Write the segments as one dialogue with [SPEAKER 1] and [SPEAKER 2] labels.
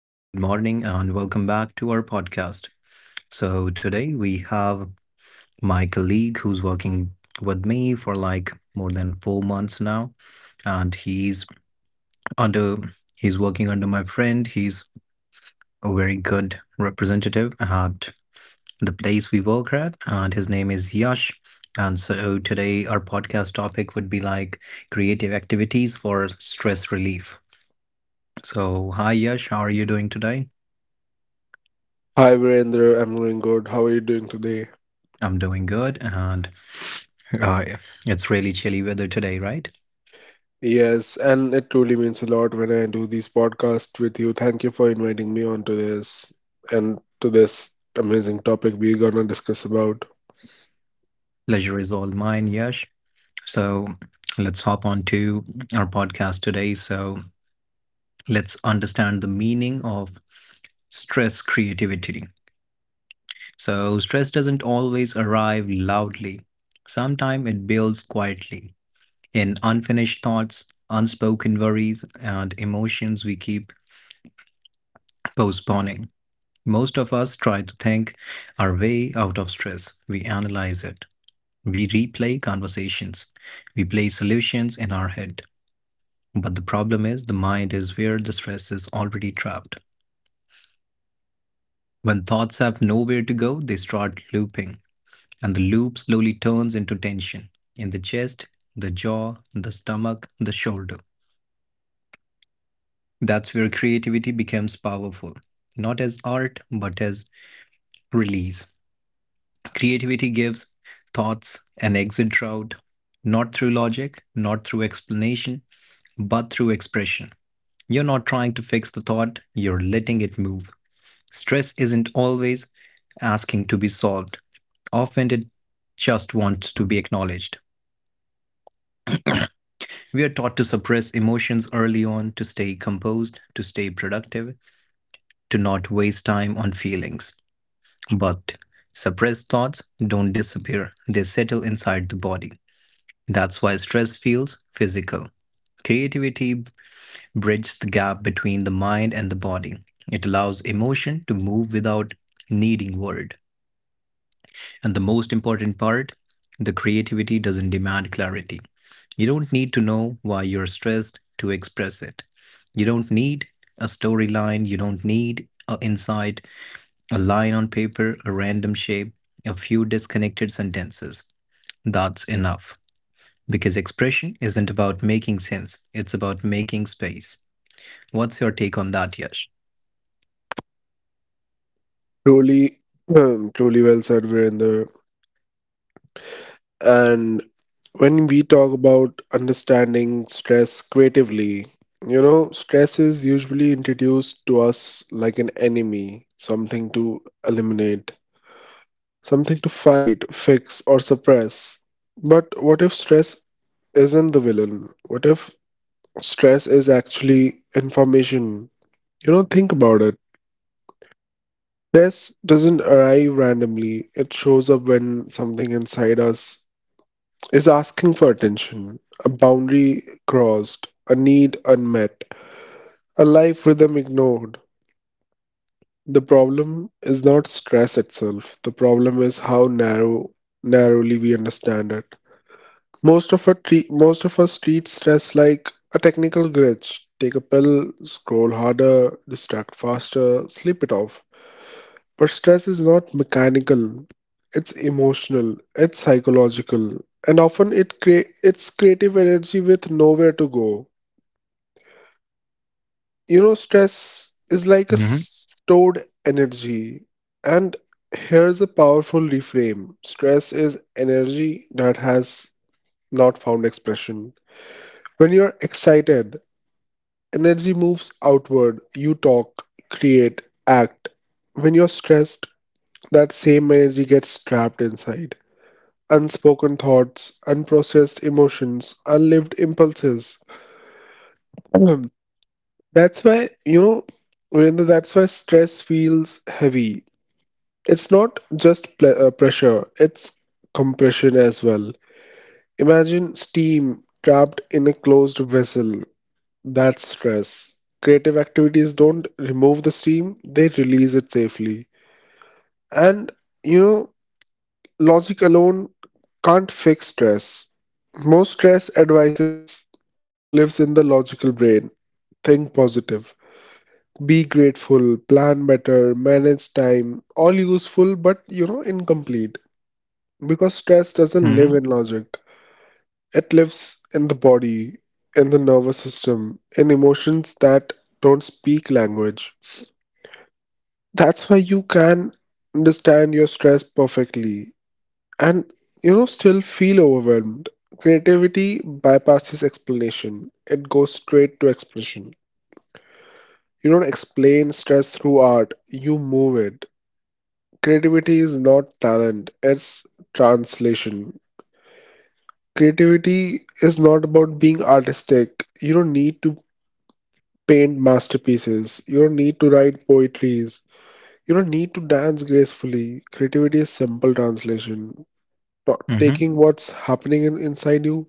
[SPEAKER 1] Hello, good morning, and welcome back to our podcast. So, today we have my colleague who's working with me for like more than 4 months now, and he's under he's working under my friend. He's a very good representative at the place we work at, and his name is Yash. And so, today our podcast topic would be like creative activities for stress relief. So, hi Yash, how are you doing today?
[SPEAKER 2] Hi Virender, I'm doing good. How are you doing today?
[SPEAKER 1] I'm doing good, and uh, it's really chilly weather today, right?
[SPEAKER 2] Yes, and it truly means a lot when I do these podcasts with you. Thank you for inviting me onto this and to this amazing topic we're gonna discuss about.
[SPEAKER 1] Pleasure is all mine, Yash. So let's hop on to our podcast today. So let's understand the meaning of stress creativity. So stress doesn't always arrive loudly. Sometimes it builds quietly in unfinished thoughts, unspoken worries, and emotions we keep postponing. Most of us try to think our way out of stress. We analyze it. We replay conversations. We play solutions in our head. But the problem is, the mind is where the stress is already trapped. When thoughts have nowhere to go, they start looping, and the loop slowly turns into tension in the chest, the jaw, the stomach, the shoulder. That's where creativity becomes powerful, not as art, but as release. Creativity gives thoughts an exit route, not through logic, not through explanation, but through expression. You're not trying to fix the thought, you're letting it move. Stress isn't always asking to be solved, often it just wants to be acknowledged. We are taught to suppress emotions early on to stay composed, to stay productive, to not waste time on feelings. But suppressed thoughts don't disappear, they settle inside the body. That's why stress feels physical. Creativity bridges the gap between the mind and the body. It allows emotion to move without needing word. And the most important part, the creativity doesn't demand clarity. You don't need to know why you're stressed to express it. You don't need a storyline, you don't need an insight, a line on paper, a random shape, a few disconnected sentences. That's enough. Because expression isn't about making sense, it's about making space. What's your take on that, Yash?
[SPEAKER 2] Truly, Truly well said, Virender. And when we talk about understanding stress creatively, stress is usually introduced to us like an enemy, something to eliminate, something to fight, fix, or suppress. But what if stress isn't the villain? What if stress is actually information? Think about it. Stress doesn't arrive randomly, it shows up when something inside us is asking for attention, a boundary crossed, a need unmet, a life rhythm ignored. The problem is not stress itself, the problem is how narrowly we understand it. Most of us treat stress like a technical glitch. Take a pill, scroll harder, distract faster, sleep it off. But stress is not mechanical. It's emotional, it's psychological, and often it's creative energy with nowhere to go. You know, stress is like a
[SPEAKER 1] Mm-hmm,
[SPEAKER 2] stored energy. And here's a powerful reframe. Stress is energy that has not found expression. When you're excited, energy moves outward. You talk, create, act. When you're stressed, that same energy gets trapped inside. Unspoken thoughts, unprocessed emotions, unlived impulses. Ahem. That's why, you know, Virendra, that's why stress feels heavy. It's not just pressure, it's compression as well. Imagine steam trapped in a closed vessel. That's stress. Creative activities don't remove the steam, they release it safely. And you know, logic alone can't fix stress. Most stress advices lives in the logical brain. Think positive, be grateful, plan better, manage time, all useful but you know incomplete. Because stress doesn't live in
[SPEAKER 1] mm-hmm,
[SPEAKER 2] logic. It lives in the body, in the nervous system, in emotions that don't speak language. That's why you can understand your stress perfectly and you know still feel overwhelmed. Creativity bypasses explanation. It goes straight to expression. You don't explain stress through art, you move it. Creativity is not talent, it's translation. Creativity is not about being artistic. You don't need to paint masterpieces. You don't need to write poetries. You don't need to dance gracefully. Creativity is simple translation. Ta-
[SPEAKER 1] mm-hmm,
[SPEAKER 2] Taking what's happening inside you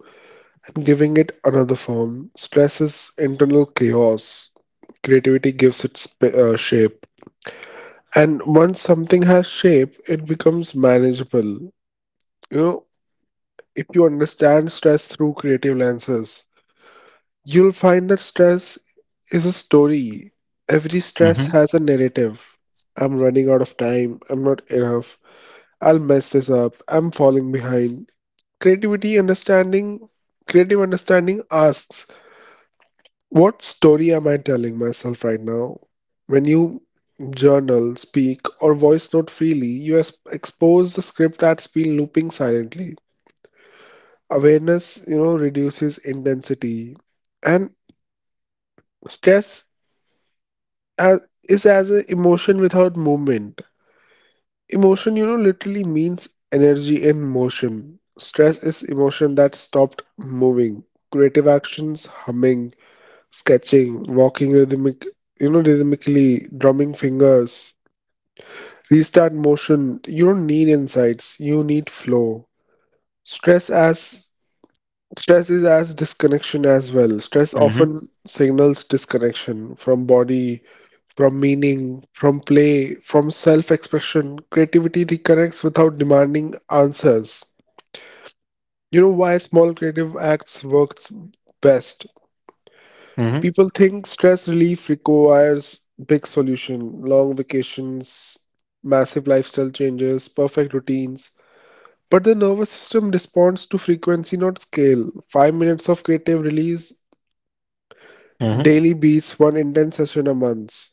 [SPEAKER 2] and giving it another form. Stress is internal chaos. Creativity gives it shape. And once something has shape, it becomes manageable. You know, if you understand stress through creative lenses, you'll find that stress is a story. Every stress
[SPEAKER 1] mm-hmm,
[SPEAKER 2] has a narrative. I'm running out of time. I'm not enough. I'll mess this up. I'm falling behind. Creativity understanding, Creative understanding asks, what story am I telling myself right now? When you journal, speak, or voice note freely, you expose the script that's been looping silently. Awareness, you know, reduces intensity, and stress as, is as an emotion without movement. Emotion, you know, literally means energy in motion. Stress is emotion that stopped moving. Creative actions, humming, sketching, you know, rhythmically, drumming fingers, restart motion. You don't need insights, you need flow. Stress as Stress is as disconnection as well. Stress
[SPEAKER 1] mm-hmm,
[SPEAKER 2] often signals disconnection from body, from meaning, from play, from self-expression. Creativity reconnects without demanding answers. You know why small creative acts works best?
[SPEAKER 1] mm-hmm,
[SPEAKER 2] People think stress relief requires big solution, long vacations, massive lifestyle changes, perfect routines. But the nervous system responds to frequency, not scale. 5 minutes of creative release
[SPEAKER 1] mm-hmm,
[SPEAKER 2] daily beats one intense session a month.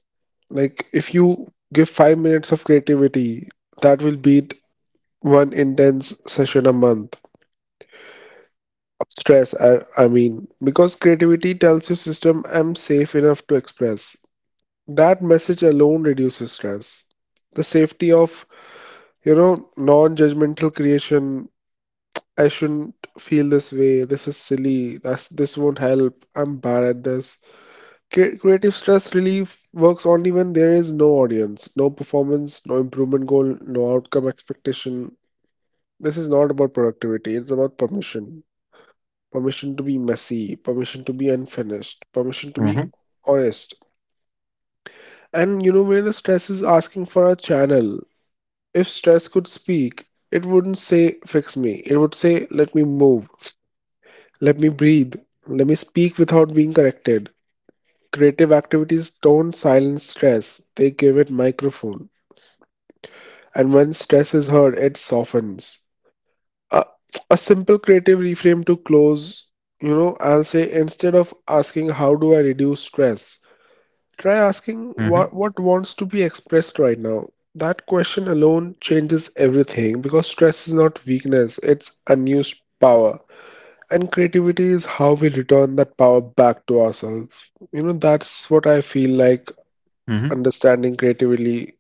[SPEAKER 2] Like if you give 5 minutes of creativity, that will beat one intense session a month. I mean, because creativity tells your system I'm safe enough to express. That message alone reduces stress. The safety of, you know, non-judgmental creation. I shouldn't feel this way. This is silly. This won't help. I'm bad at this. Creative stress relief works only when there is no audience, no performance, no improvement goal, no outcome expectation. This is not about productivity. It's about permission. Permission to be messy, permission to be unfinished, permission to be
[SPEAKER 1] mm-hmm,
[SPEAKER 2] honest. And you know where the stress is asking for a channel. If stress could speak, it wouldn't say, fix me. It would say, let me move, let me breathe, let me speak without being corrected. Creative activities don't silence stress, they give it microphone. And when stress is heard, it softens. A, a simple creative reframe to close, you know, I'll say, instead of asking, how do I reduce stress? Try asking what,
[SPEAKER 1] mm-hmm.
[SPEAKER 2] what wants to be expressed right now. That question alone changes everything because stress is not weakness, it's unused power. And creativity is how we return that power back to ourselves. You know, that's what I feel like
[SPEAKER 1] Mm-hmm.
[SPEAKER 2] understanding creatively,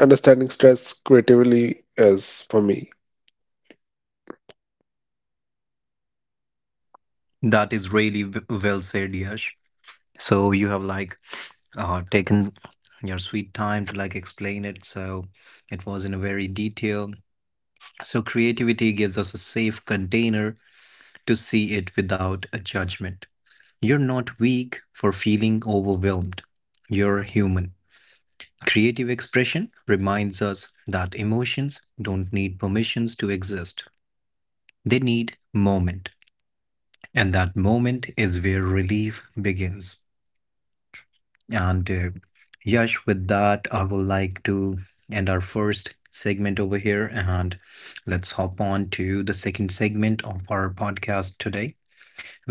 [SPEAKER 2] understanding stress creatively is for me.
[SPEAKER 1] That is really well said, Yash. So you have like taken your sweet time to like explain it. So it was in a very detail. So creativity gives us a safe container to see it without a judgment. You're not weak for feeling overwhelmed. You're human. Creative expression reminds us that emotions don't need permissions to exist. They need moment. And that moment is where relief begins. And Yash, with that, I would like to end our first segment over here and let's hop on to the second segment of our podcast today,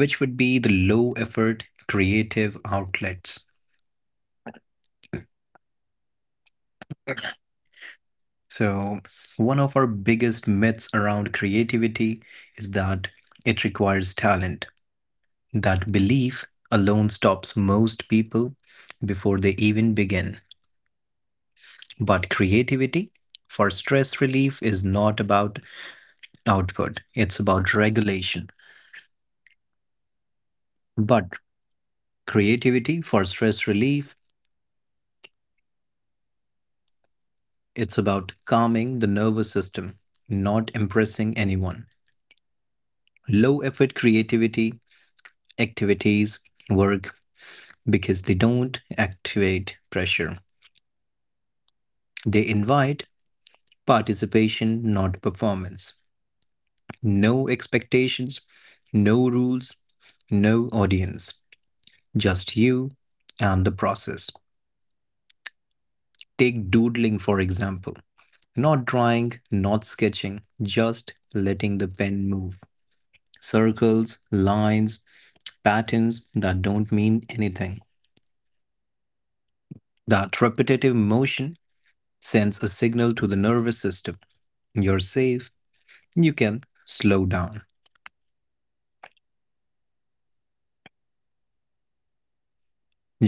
[SPEAKER 1] which would be the low effort creative outlets. So, one of our biggest myths around creativity is that it requires talent. That belief alone stops most people before they even begin. But creativity for stress relief is not about output, it's about regulation. But creativity for stress relief, it's about calming the nervous system, not impressing anyone. Low effort creativity activities work because they don't activate pressure. They invite participation, not performance. No expectations, no rules, no audience, just you and the process. Take doodling, for example. Not drawing, not sketching, just letting the pen move. Circles, lines, patterns that don't mean anything. That repetitive motion sends a signal to the nervous system. You're safe, you can slow down.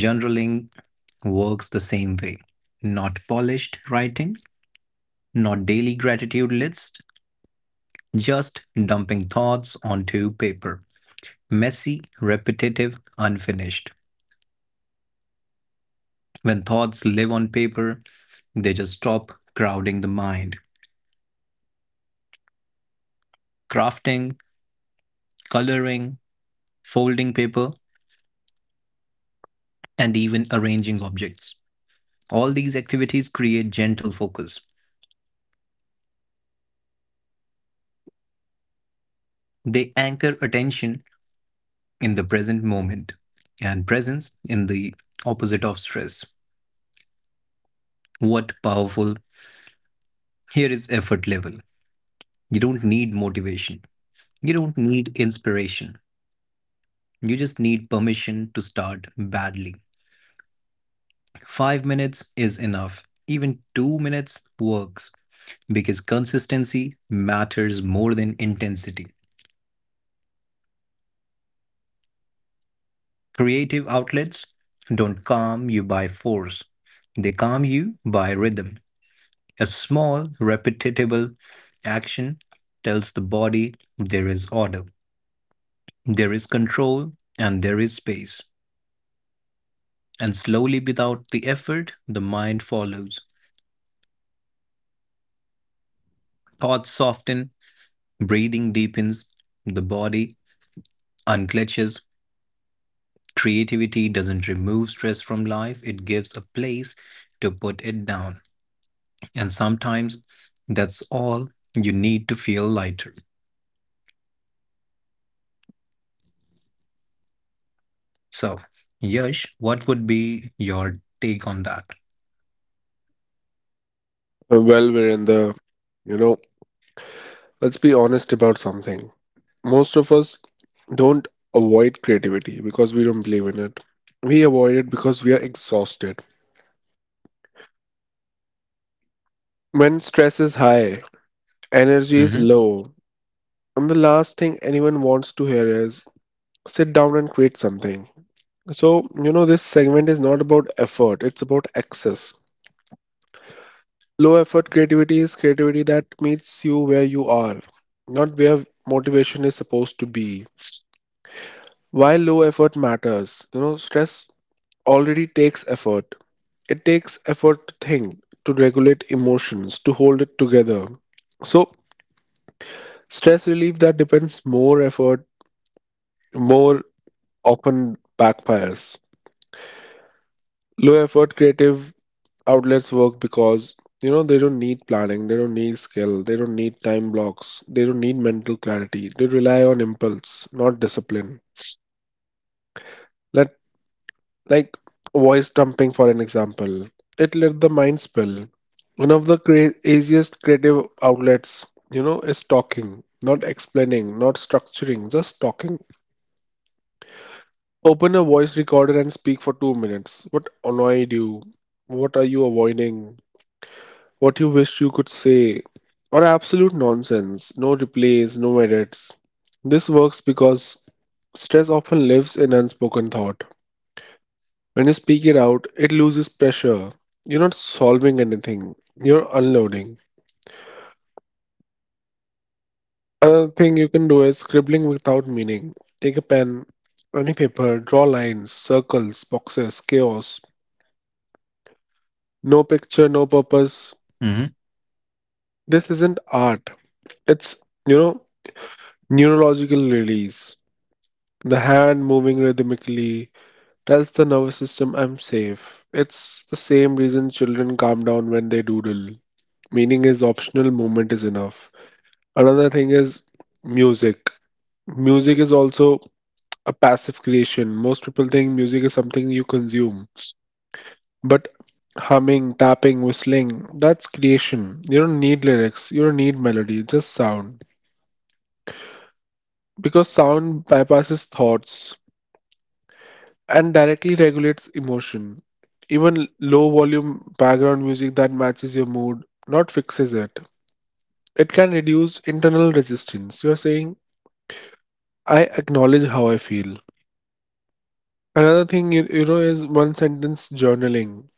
[SPEAKER 1] Journaling works the same way. Not polished writing, not daily gratitude list, just dumping thoughts onto paper. Messy, repetitive, unfinished. When thoughts live on paper, they just stop crowding the mind. Crafting, coloring, folding paper, and even arranging objects. All these activities create gentle focus. They anchor attention in the present moment and presence in the opposite of stress. What powerful. Here is effort level. You don't need motivation. You don't need inspiration. You just need permission to start badly. 5 minutes is enough. Even 2 minutes works because consistency matters more than intensity. Creative outlets don't calm you by force, they calm you by rhythm. A small, repeatable action tells the body there is order, there is control, and there is space. And slowly, without the effort, the mind follows. Thoughts soften, breathing deepens, the body unclenches. Creativity doesn't remove stress from life, it gives a place to put it down. And sometimes that's all you need to feel lighter. So, Yash, what would be your take on that?
[SPEAKER 2] Well, we're in the, you know, let's be honest about something. Most of us don't avoid creativity because we don't believe in it. We avoid it because we are exhausted. When stress is high, energy is low, and the last thing anyone wants to hear is sit down and create something. So, you know, this segment is not about effort, it's about access. Low effort creativity is creativity that meets you where you are, not where motivation is supposed to be. Why low effort matters? You know, stress already takes effort. It takes effort to think, to regulate emotions, to hold it together. So, stress relief that depends more often backfires. Low effort creative outlets work because you know they don't need planning, they don't need skill, they don't need time blocks, they don't need mental clarity. They rely on impulse, not discipline. Let Like voice dumping, for an example, it let the mind spill. One of the craziest creative outlets, you know, is talking, not explaining, not structuring, just talking. Open a voice recorder and speak for 2 minutes. What annoyed you? What are you avoiding? What you wished you could say? Or absolute nonsense, no replays, no edits. This works because stress often lives in unspoken thought. When you speak it out, it loses pressure. You're not solving anything, you're unloading. Another thing you can do is scribbling without meaning. Take a pen, any paper, draw lines, circles, boxes, chaos. No picture, no purpose.
[SPEAKER 1] Mm-hmm,
[SPEAKER 2] This isn't art. It's, you know, neurological release. The hand moving rhythmically tells the nervous system I'm safe. It's the same reason children calm down when they doodle. Meaning is optional, movement is enough. Another thing is music. Music is also a passive creation. Most people think music is something you consume, but humming, tapping, whistling, that's creation. You don't need lyrics, you don't need melody, just sound. Because sound bypasses thoughts and directly regulates emotion. Even low volume background music that matches your mood, not fixes it. It can reduce internal resistance. You're saying, I acknowledge how I feel. Another thing is one sentence journaling.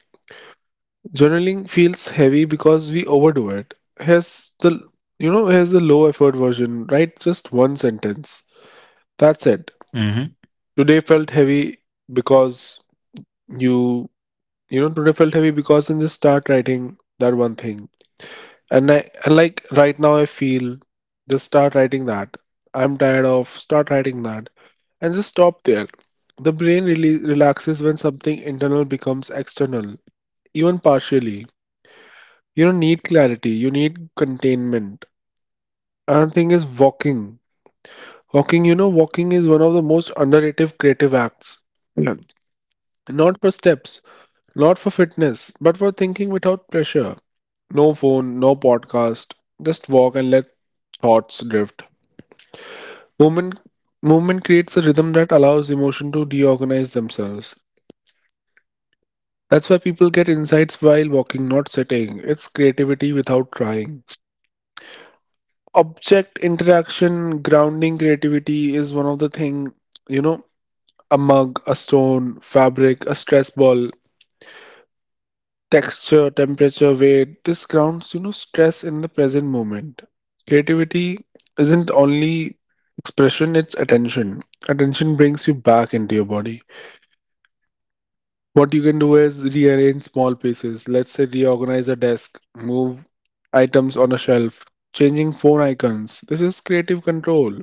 [SPEAKER 2] Journaling feels heavy because we overdo it. Has the low effort version, right? Just one sentence. That's it.
[SPEAKER 1] mm-hmm,
[SPEAKER 2] Today felt heavy because you today felt heavy because, and just start writing that one thing. And like right now I feel, just start writing that. I'm tired of, start writing that and just stop there. The brain really relaxes when something internal becomes external, even partially. You don't need clarity, you need containment. Another thing is walking. Walking, you know, walking is one of the most underrated creative acts. Yeah. Not for steps, not for fitness, but for thinking without pressure. No phone, no podcast. Just walk and let thoughts drift. Movement movement creates a rhythm that allows emotion to reorganize themselves. That's why people get insights while walking, not sitting. It's creativity without trying. Object interaction grounding creativity is one of the thing, you know, a mug, a stone, fabric, a stress ball, texture, temperature, weight, this grounds, you know, stress in the present moment. Creativity isn't only expression, it's attention. Attention brings you back into your body. What you can do is rearrange small pieces, let's say reorganize a desk, move items on a shelf, changing phone icons, this is creative control.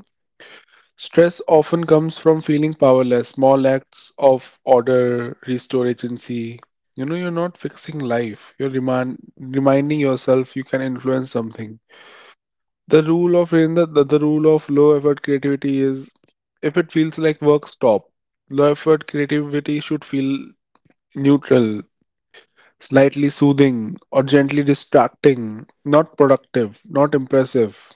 [SPEAKER 2] Stress often comes from feeling powerless, small acts of order restore agency. You know, you're not fixing life. Reminding yourself you can influence something. The rule of low effort creativity is if it feels like work, stop. Low effort creativity should feel neutral, slightly soothing, or gently distracting, not productive, not impressive.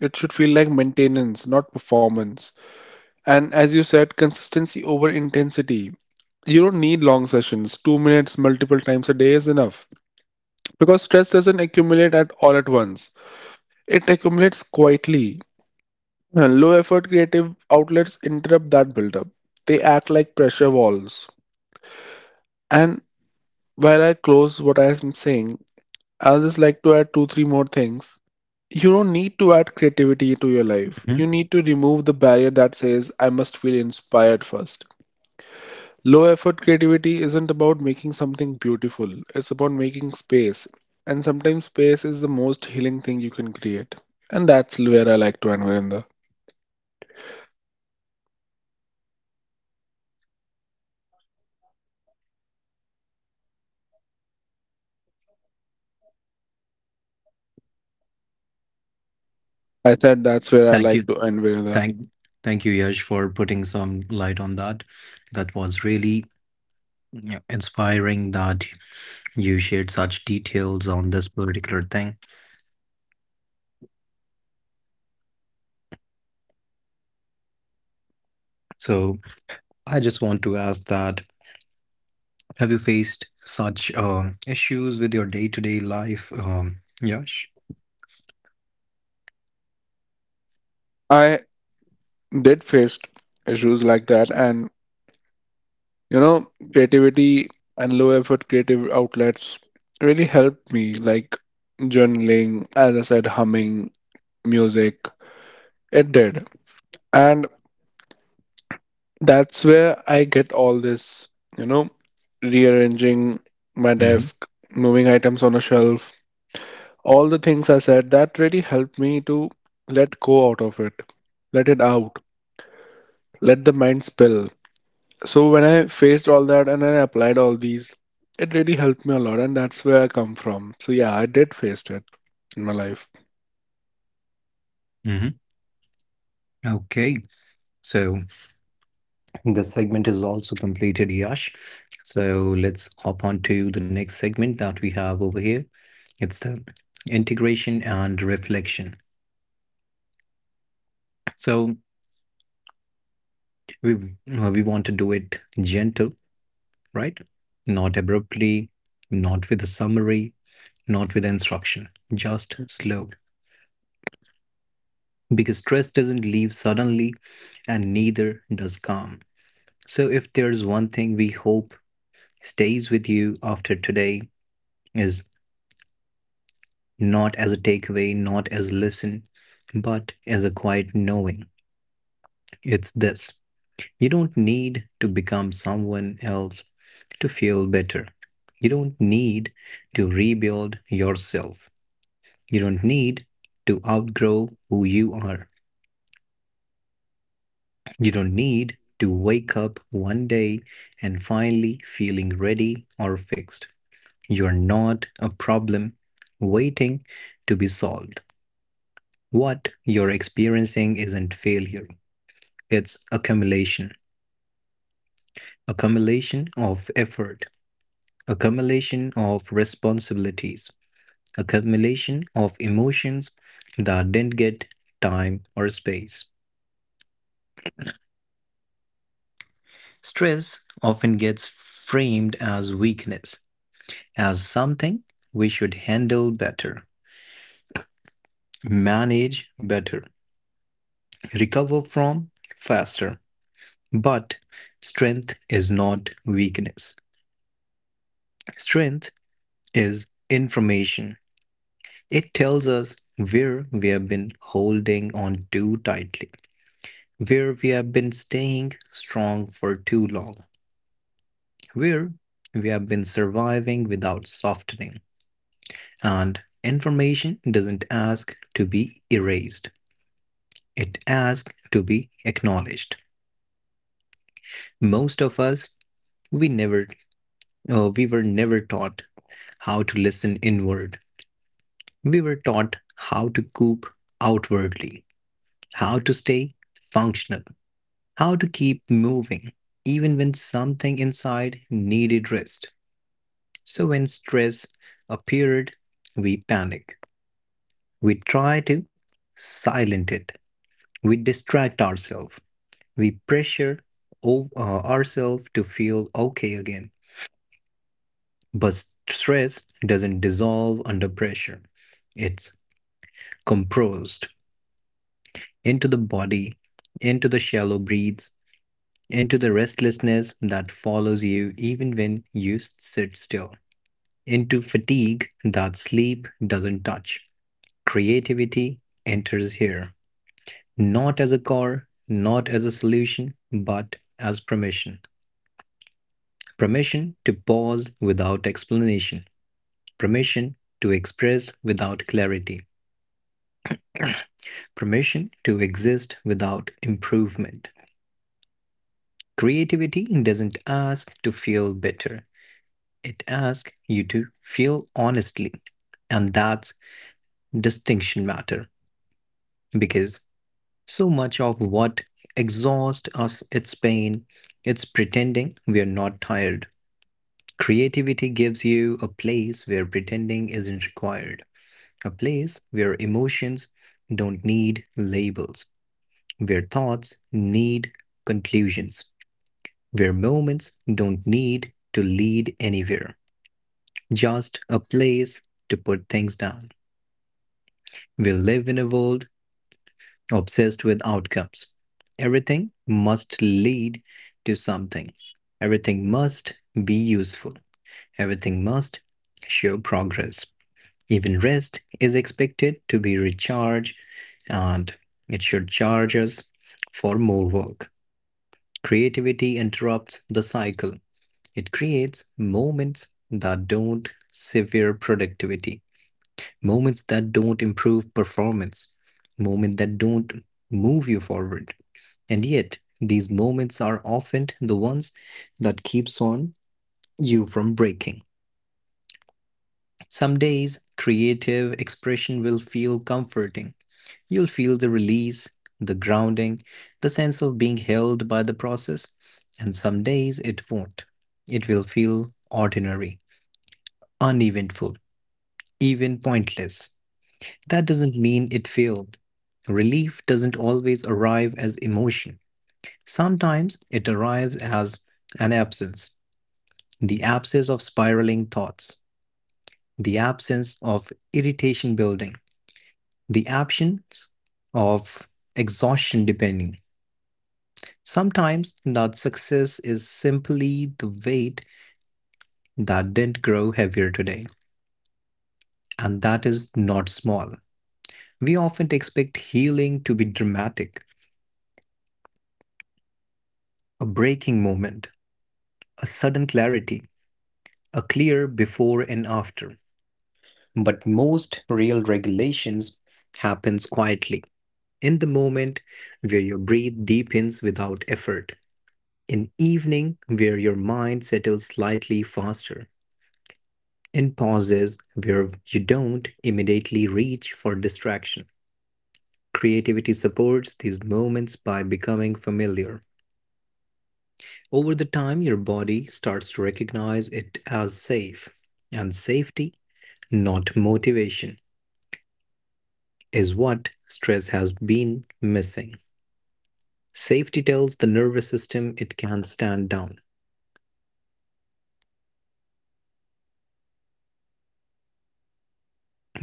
[SPEAKER 2] It should feel like maintenance, not performance. And as you said, consistency over intensity. You don't need long sessions. 2 minutes multiple times a day is enough because stress doesn't accumulate at all at once. It accumulates quietly. And low effort creative outlets interrupt that buildup. They act like pressure walls. And while I close what I am saying, I'll just like to add two, three more things. You don't need to add creativity to your life. You
[SPEAKER 1] hmm.
[SPEAKER 2] need to remove the barrier that says, I must feel inspired first. Low effort creativity isn't about making something beautiful, it's about making space. And sometimes space is the most healing thing you can create. And that's where I like to end, Virender. I said that's where I
[SPEAKER 1] Thank
[SPEAKER 2] like to
[SPEAKER 1] you.
[SPEAKER 2] end, Virendra.
[SPEAKER 1] Thank thank you, Yash, for putting some light on that. That was really inspiring that you shared such details on this particular thing. So I just want to ask that have you faced such issues with your day-to-day life, Yash?
[SPEAKER 2] I did face issues like that, and you know creativity and low effort creative outlets really helped me, like journaling, as I said, humming, music, it did. And that's where I get all this, you know, rearranging my
[SPEAKER 1] Mm-hmm.
[SPEAKER 2] desk, moving items on a shelf, all the things I said that really helped me to let go out of it, let it out, let the mind spill. So when I faced all that and then I applied all these, it really helped me a lot, and that's where I come from. So yeah, I did face it in my life.
[SPEAKER 1] Mm-hmm. Okay. So the segment is also completed, Yash. So let's hop on to the next segment that we have over here. It's the integration and reflection. So we want to do it gentle, right? Not abruptly, not with a summary, not with instruction, just slow. Because stress doesn't leave suddenly and neither does calm. So if there's one thing we hope stays with you after today is not as a takeaway, not as listen, but as a quiet knowing. It's this. You don't need to become someone else to feel better. You don't need to rebuild yourself. You don't need to outgrow who you are. You don't need to wake up one day and finally feeling ready or fixed. You're not a problem waiting to be solved. What you're experiencing isn't failure. It's accumulation, accumulation of effort, accumulation of responsibilities, accumulation of emotions that didn't get time or space. Stress often gets framed as weakness, as something we should handle better, manage better, recover from faster. But strength is not weakness. Strength is information. It tells us where we have been holding on too tightly, where we have been staying strong for too long, where we have been surviving without softening. And information doesn't ask to be erased, it asks to be acknowledged. Most of us, we never, we were never taught how to listen inward. We were taught how to cope outwardly, how to stay functional, how to keep moving even when something inside needed rest. So, when stress appeared, we panic. We try to silence it. We distract ourselves. We pressure ourselves to feel okay again. But stress doesn't dissolve under pressure, it's compressed into the body, into the shallow breaths, into the restlessness that follows you even when you sit still, into fatigue that sleep doesn't touch. Creativity enters here, not as a core, not as a solution, but as permission. Permission to pause without explanation, permission to express without clarity, permission to exist without improvement. Creativity doesn't ask to feel bitter, it asks you to feel honestly. And that's distinction matter, because so much of what exhausts us its pain, it's pretending we're not tired. Creativity gives you a place where pretending isn't required, a place where emotions don't need labels, where thoughts need conclusions, where moments don't need to lead anywhere, just a place to put things down. We live in a world obsessed with outcomes. Everything must lead to something. Everything must be useful. Everything must show progress. Even rest is expected to be recharged and it should charge us for more work. Creativity interrupts the cycle. It creates moments that don't sever productivity, moments that don't improve performance, moments that don't move you forward, and yet, these moments are often the ones that keeps on you from breaking. Some days, creative expression will feel comforting. You'll feel the release, the grounding, the sense of being held by the process, and some days it won't. It will feel ordinary, uneventful, even pointless. That doesn't mean it failed. Relief doesn't always arrive as emotion. Sometimes it arrives as an absence, the absence of spiraling thoughts, the absence of irritation building, the absence of exhaustion depending. Sometimes that success is simply the weight that didn't grow heavier today, and that is not small. We often expect healing to be dramatic, a breaking moment, a sudden clarity, a clear before and after. But most real regulations happens quietly, in the moment where your breath deepens without effort, in evening where your mind settles slightly faster, in pauses where you don't immediately reach for distraction. Creativity supports these moments by becoming familiar. Over the time, your body starts to recognize it as safe, and safety, not motivation, is what stress has been missing. Safety tells the nervous system it can stand down.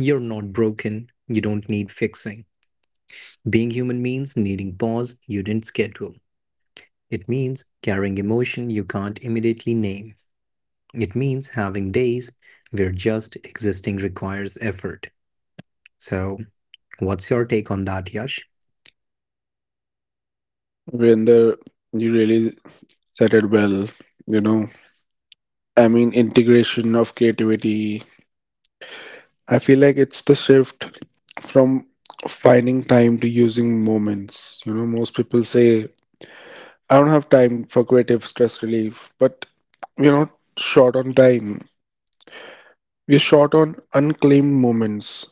[SPEAKER 1] You're not broken. You don't need fixing. Being human means needing pause you didn't schedule. It means carrying emotion you can't immediately name. It means having days where just existing requires effort. So, what's your take on that, Yash?
[SPEAKER 2] Virender, you really said it well. You know, I mean, integration of creativity. I feel like it's the shift from finding time to using moments. You know, most people say, I don't have time for creative stress relief, but we're not short on time. We're short on unclaimed moments.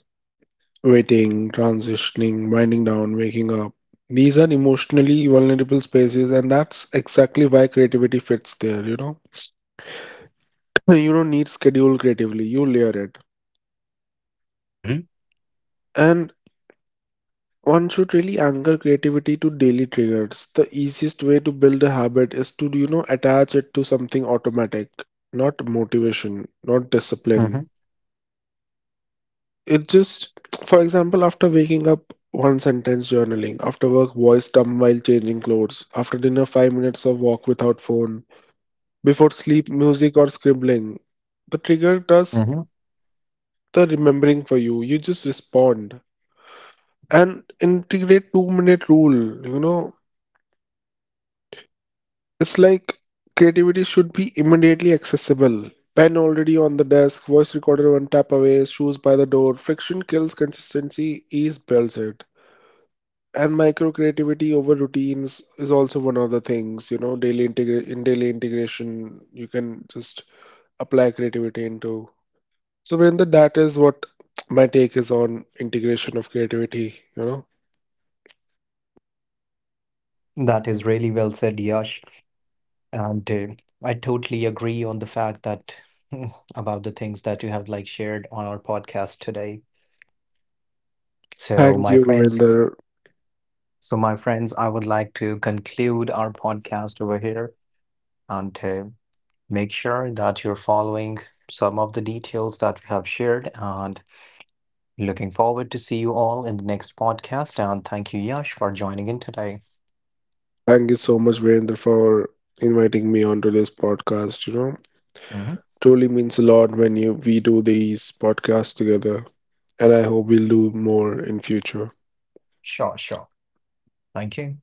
[SPEAKER 2] Waiting, transitioning, winding down, waking up. These are emotionally vulnerable spaces, and that's exactly why creativity fits there, you know? You don't need schedule creatively, you layer it.
[SPEAKER 1] Mm-hmm.
[SPEAKER 2] And one should really anchor creativity to daily triggers. The easiest way to build a habit is to, you know, attach it to something automatic, not motivation, not discipline.
[SPEAKER 1] Mm-hmm.
[SPEAKER 2] It just, for example, after waking up, one sentence journaling, after work, voice dumb while changing clothes, after dinner, 5 minutes of walk without phone, before sleep, music or scribbling. The trigger does
[SPEAKER 1] Mm-hmm.
[SPEAKER 2] the remembering for you. You just respond and integrate 2-minute rule. You know, it's like creativity should be immediately accessible. Pen already on the desk, voice recorder one tap away, shoes by the door. Friction kills consistency, ease builds it. And micro creativity over routines is also one of the things, you know, daily in daily integration you can just apply creativity into. So Vrinda, that is what my take is on integration of creativity, you know.
[SPEAKER 1] That is really well said, Yash. And I totally agree on the fact that about the things that you have like shared on our podcast today. So,
[SPEAKER 2] Thank
[SPEAKER 1] my
[SPEAKER 2] you,
[SPEAKER 1] friends,
[SPEAKER 2] Vrinda.
[SPEAKER 1] I would like to conclude our podcast over here and to make sure that you're following some of the details that we have shared and looking forward to see you all in the next podcast. And thank you, Yash, for joining in today.
[SPEAKER 2] Thank you so much, Vrinda, for inviting me onto this podcast, you know.
[SPEAKER 1] Mhm.
[SPEAKER 2] Truly means a lot when you we do these podcasts together, and I hope we'll do more in future.
[SPEAKER 1] Sure, sure. Thank you.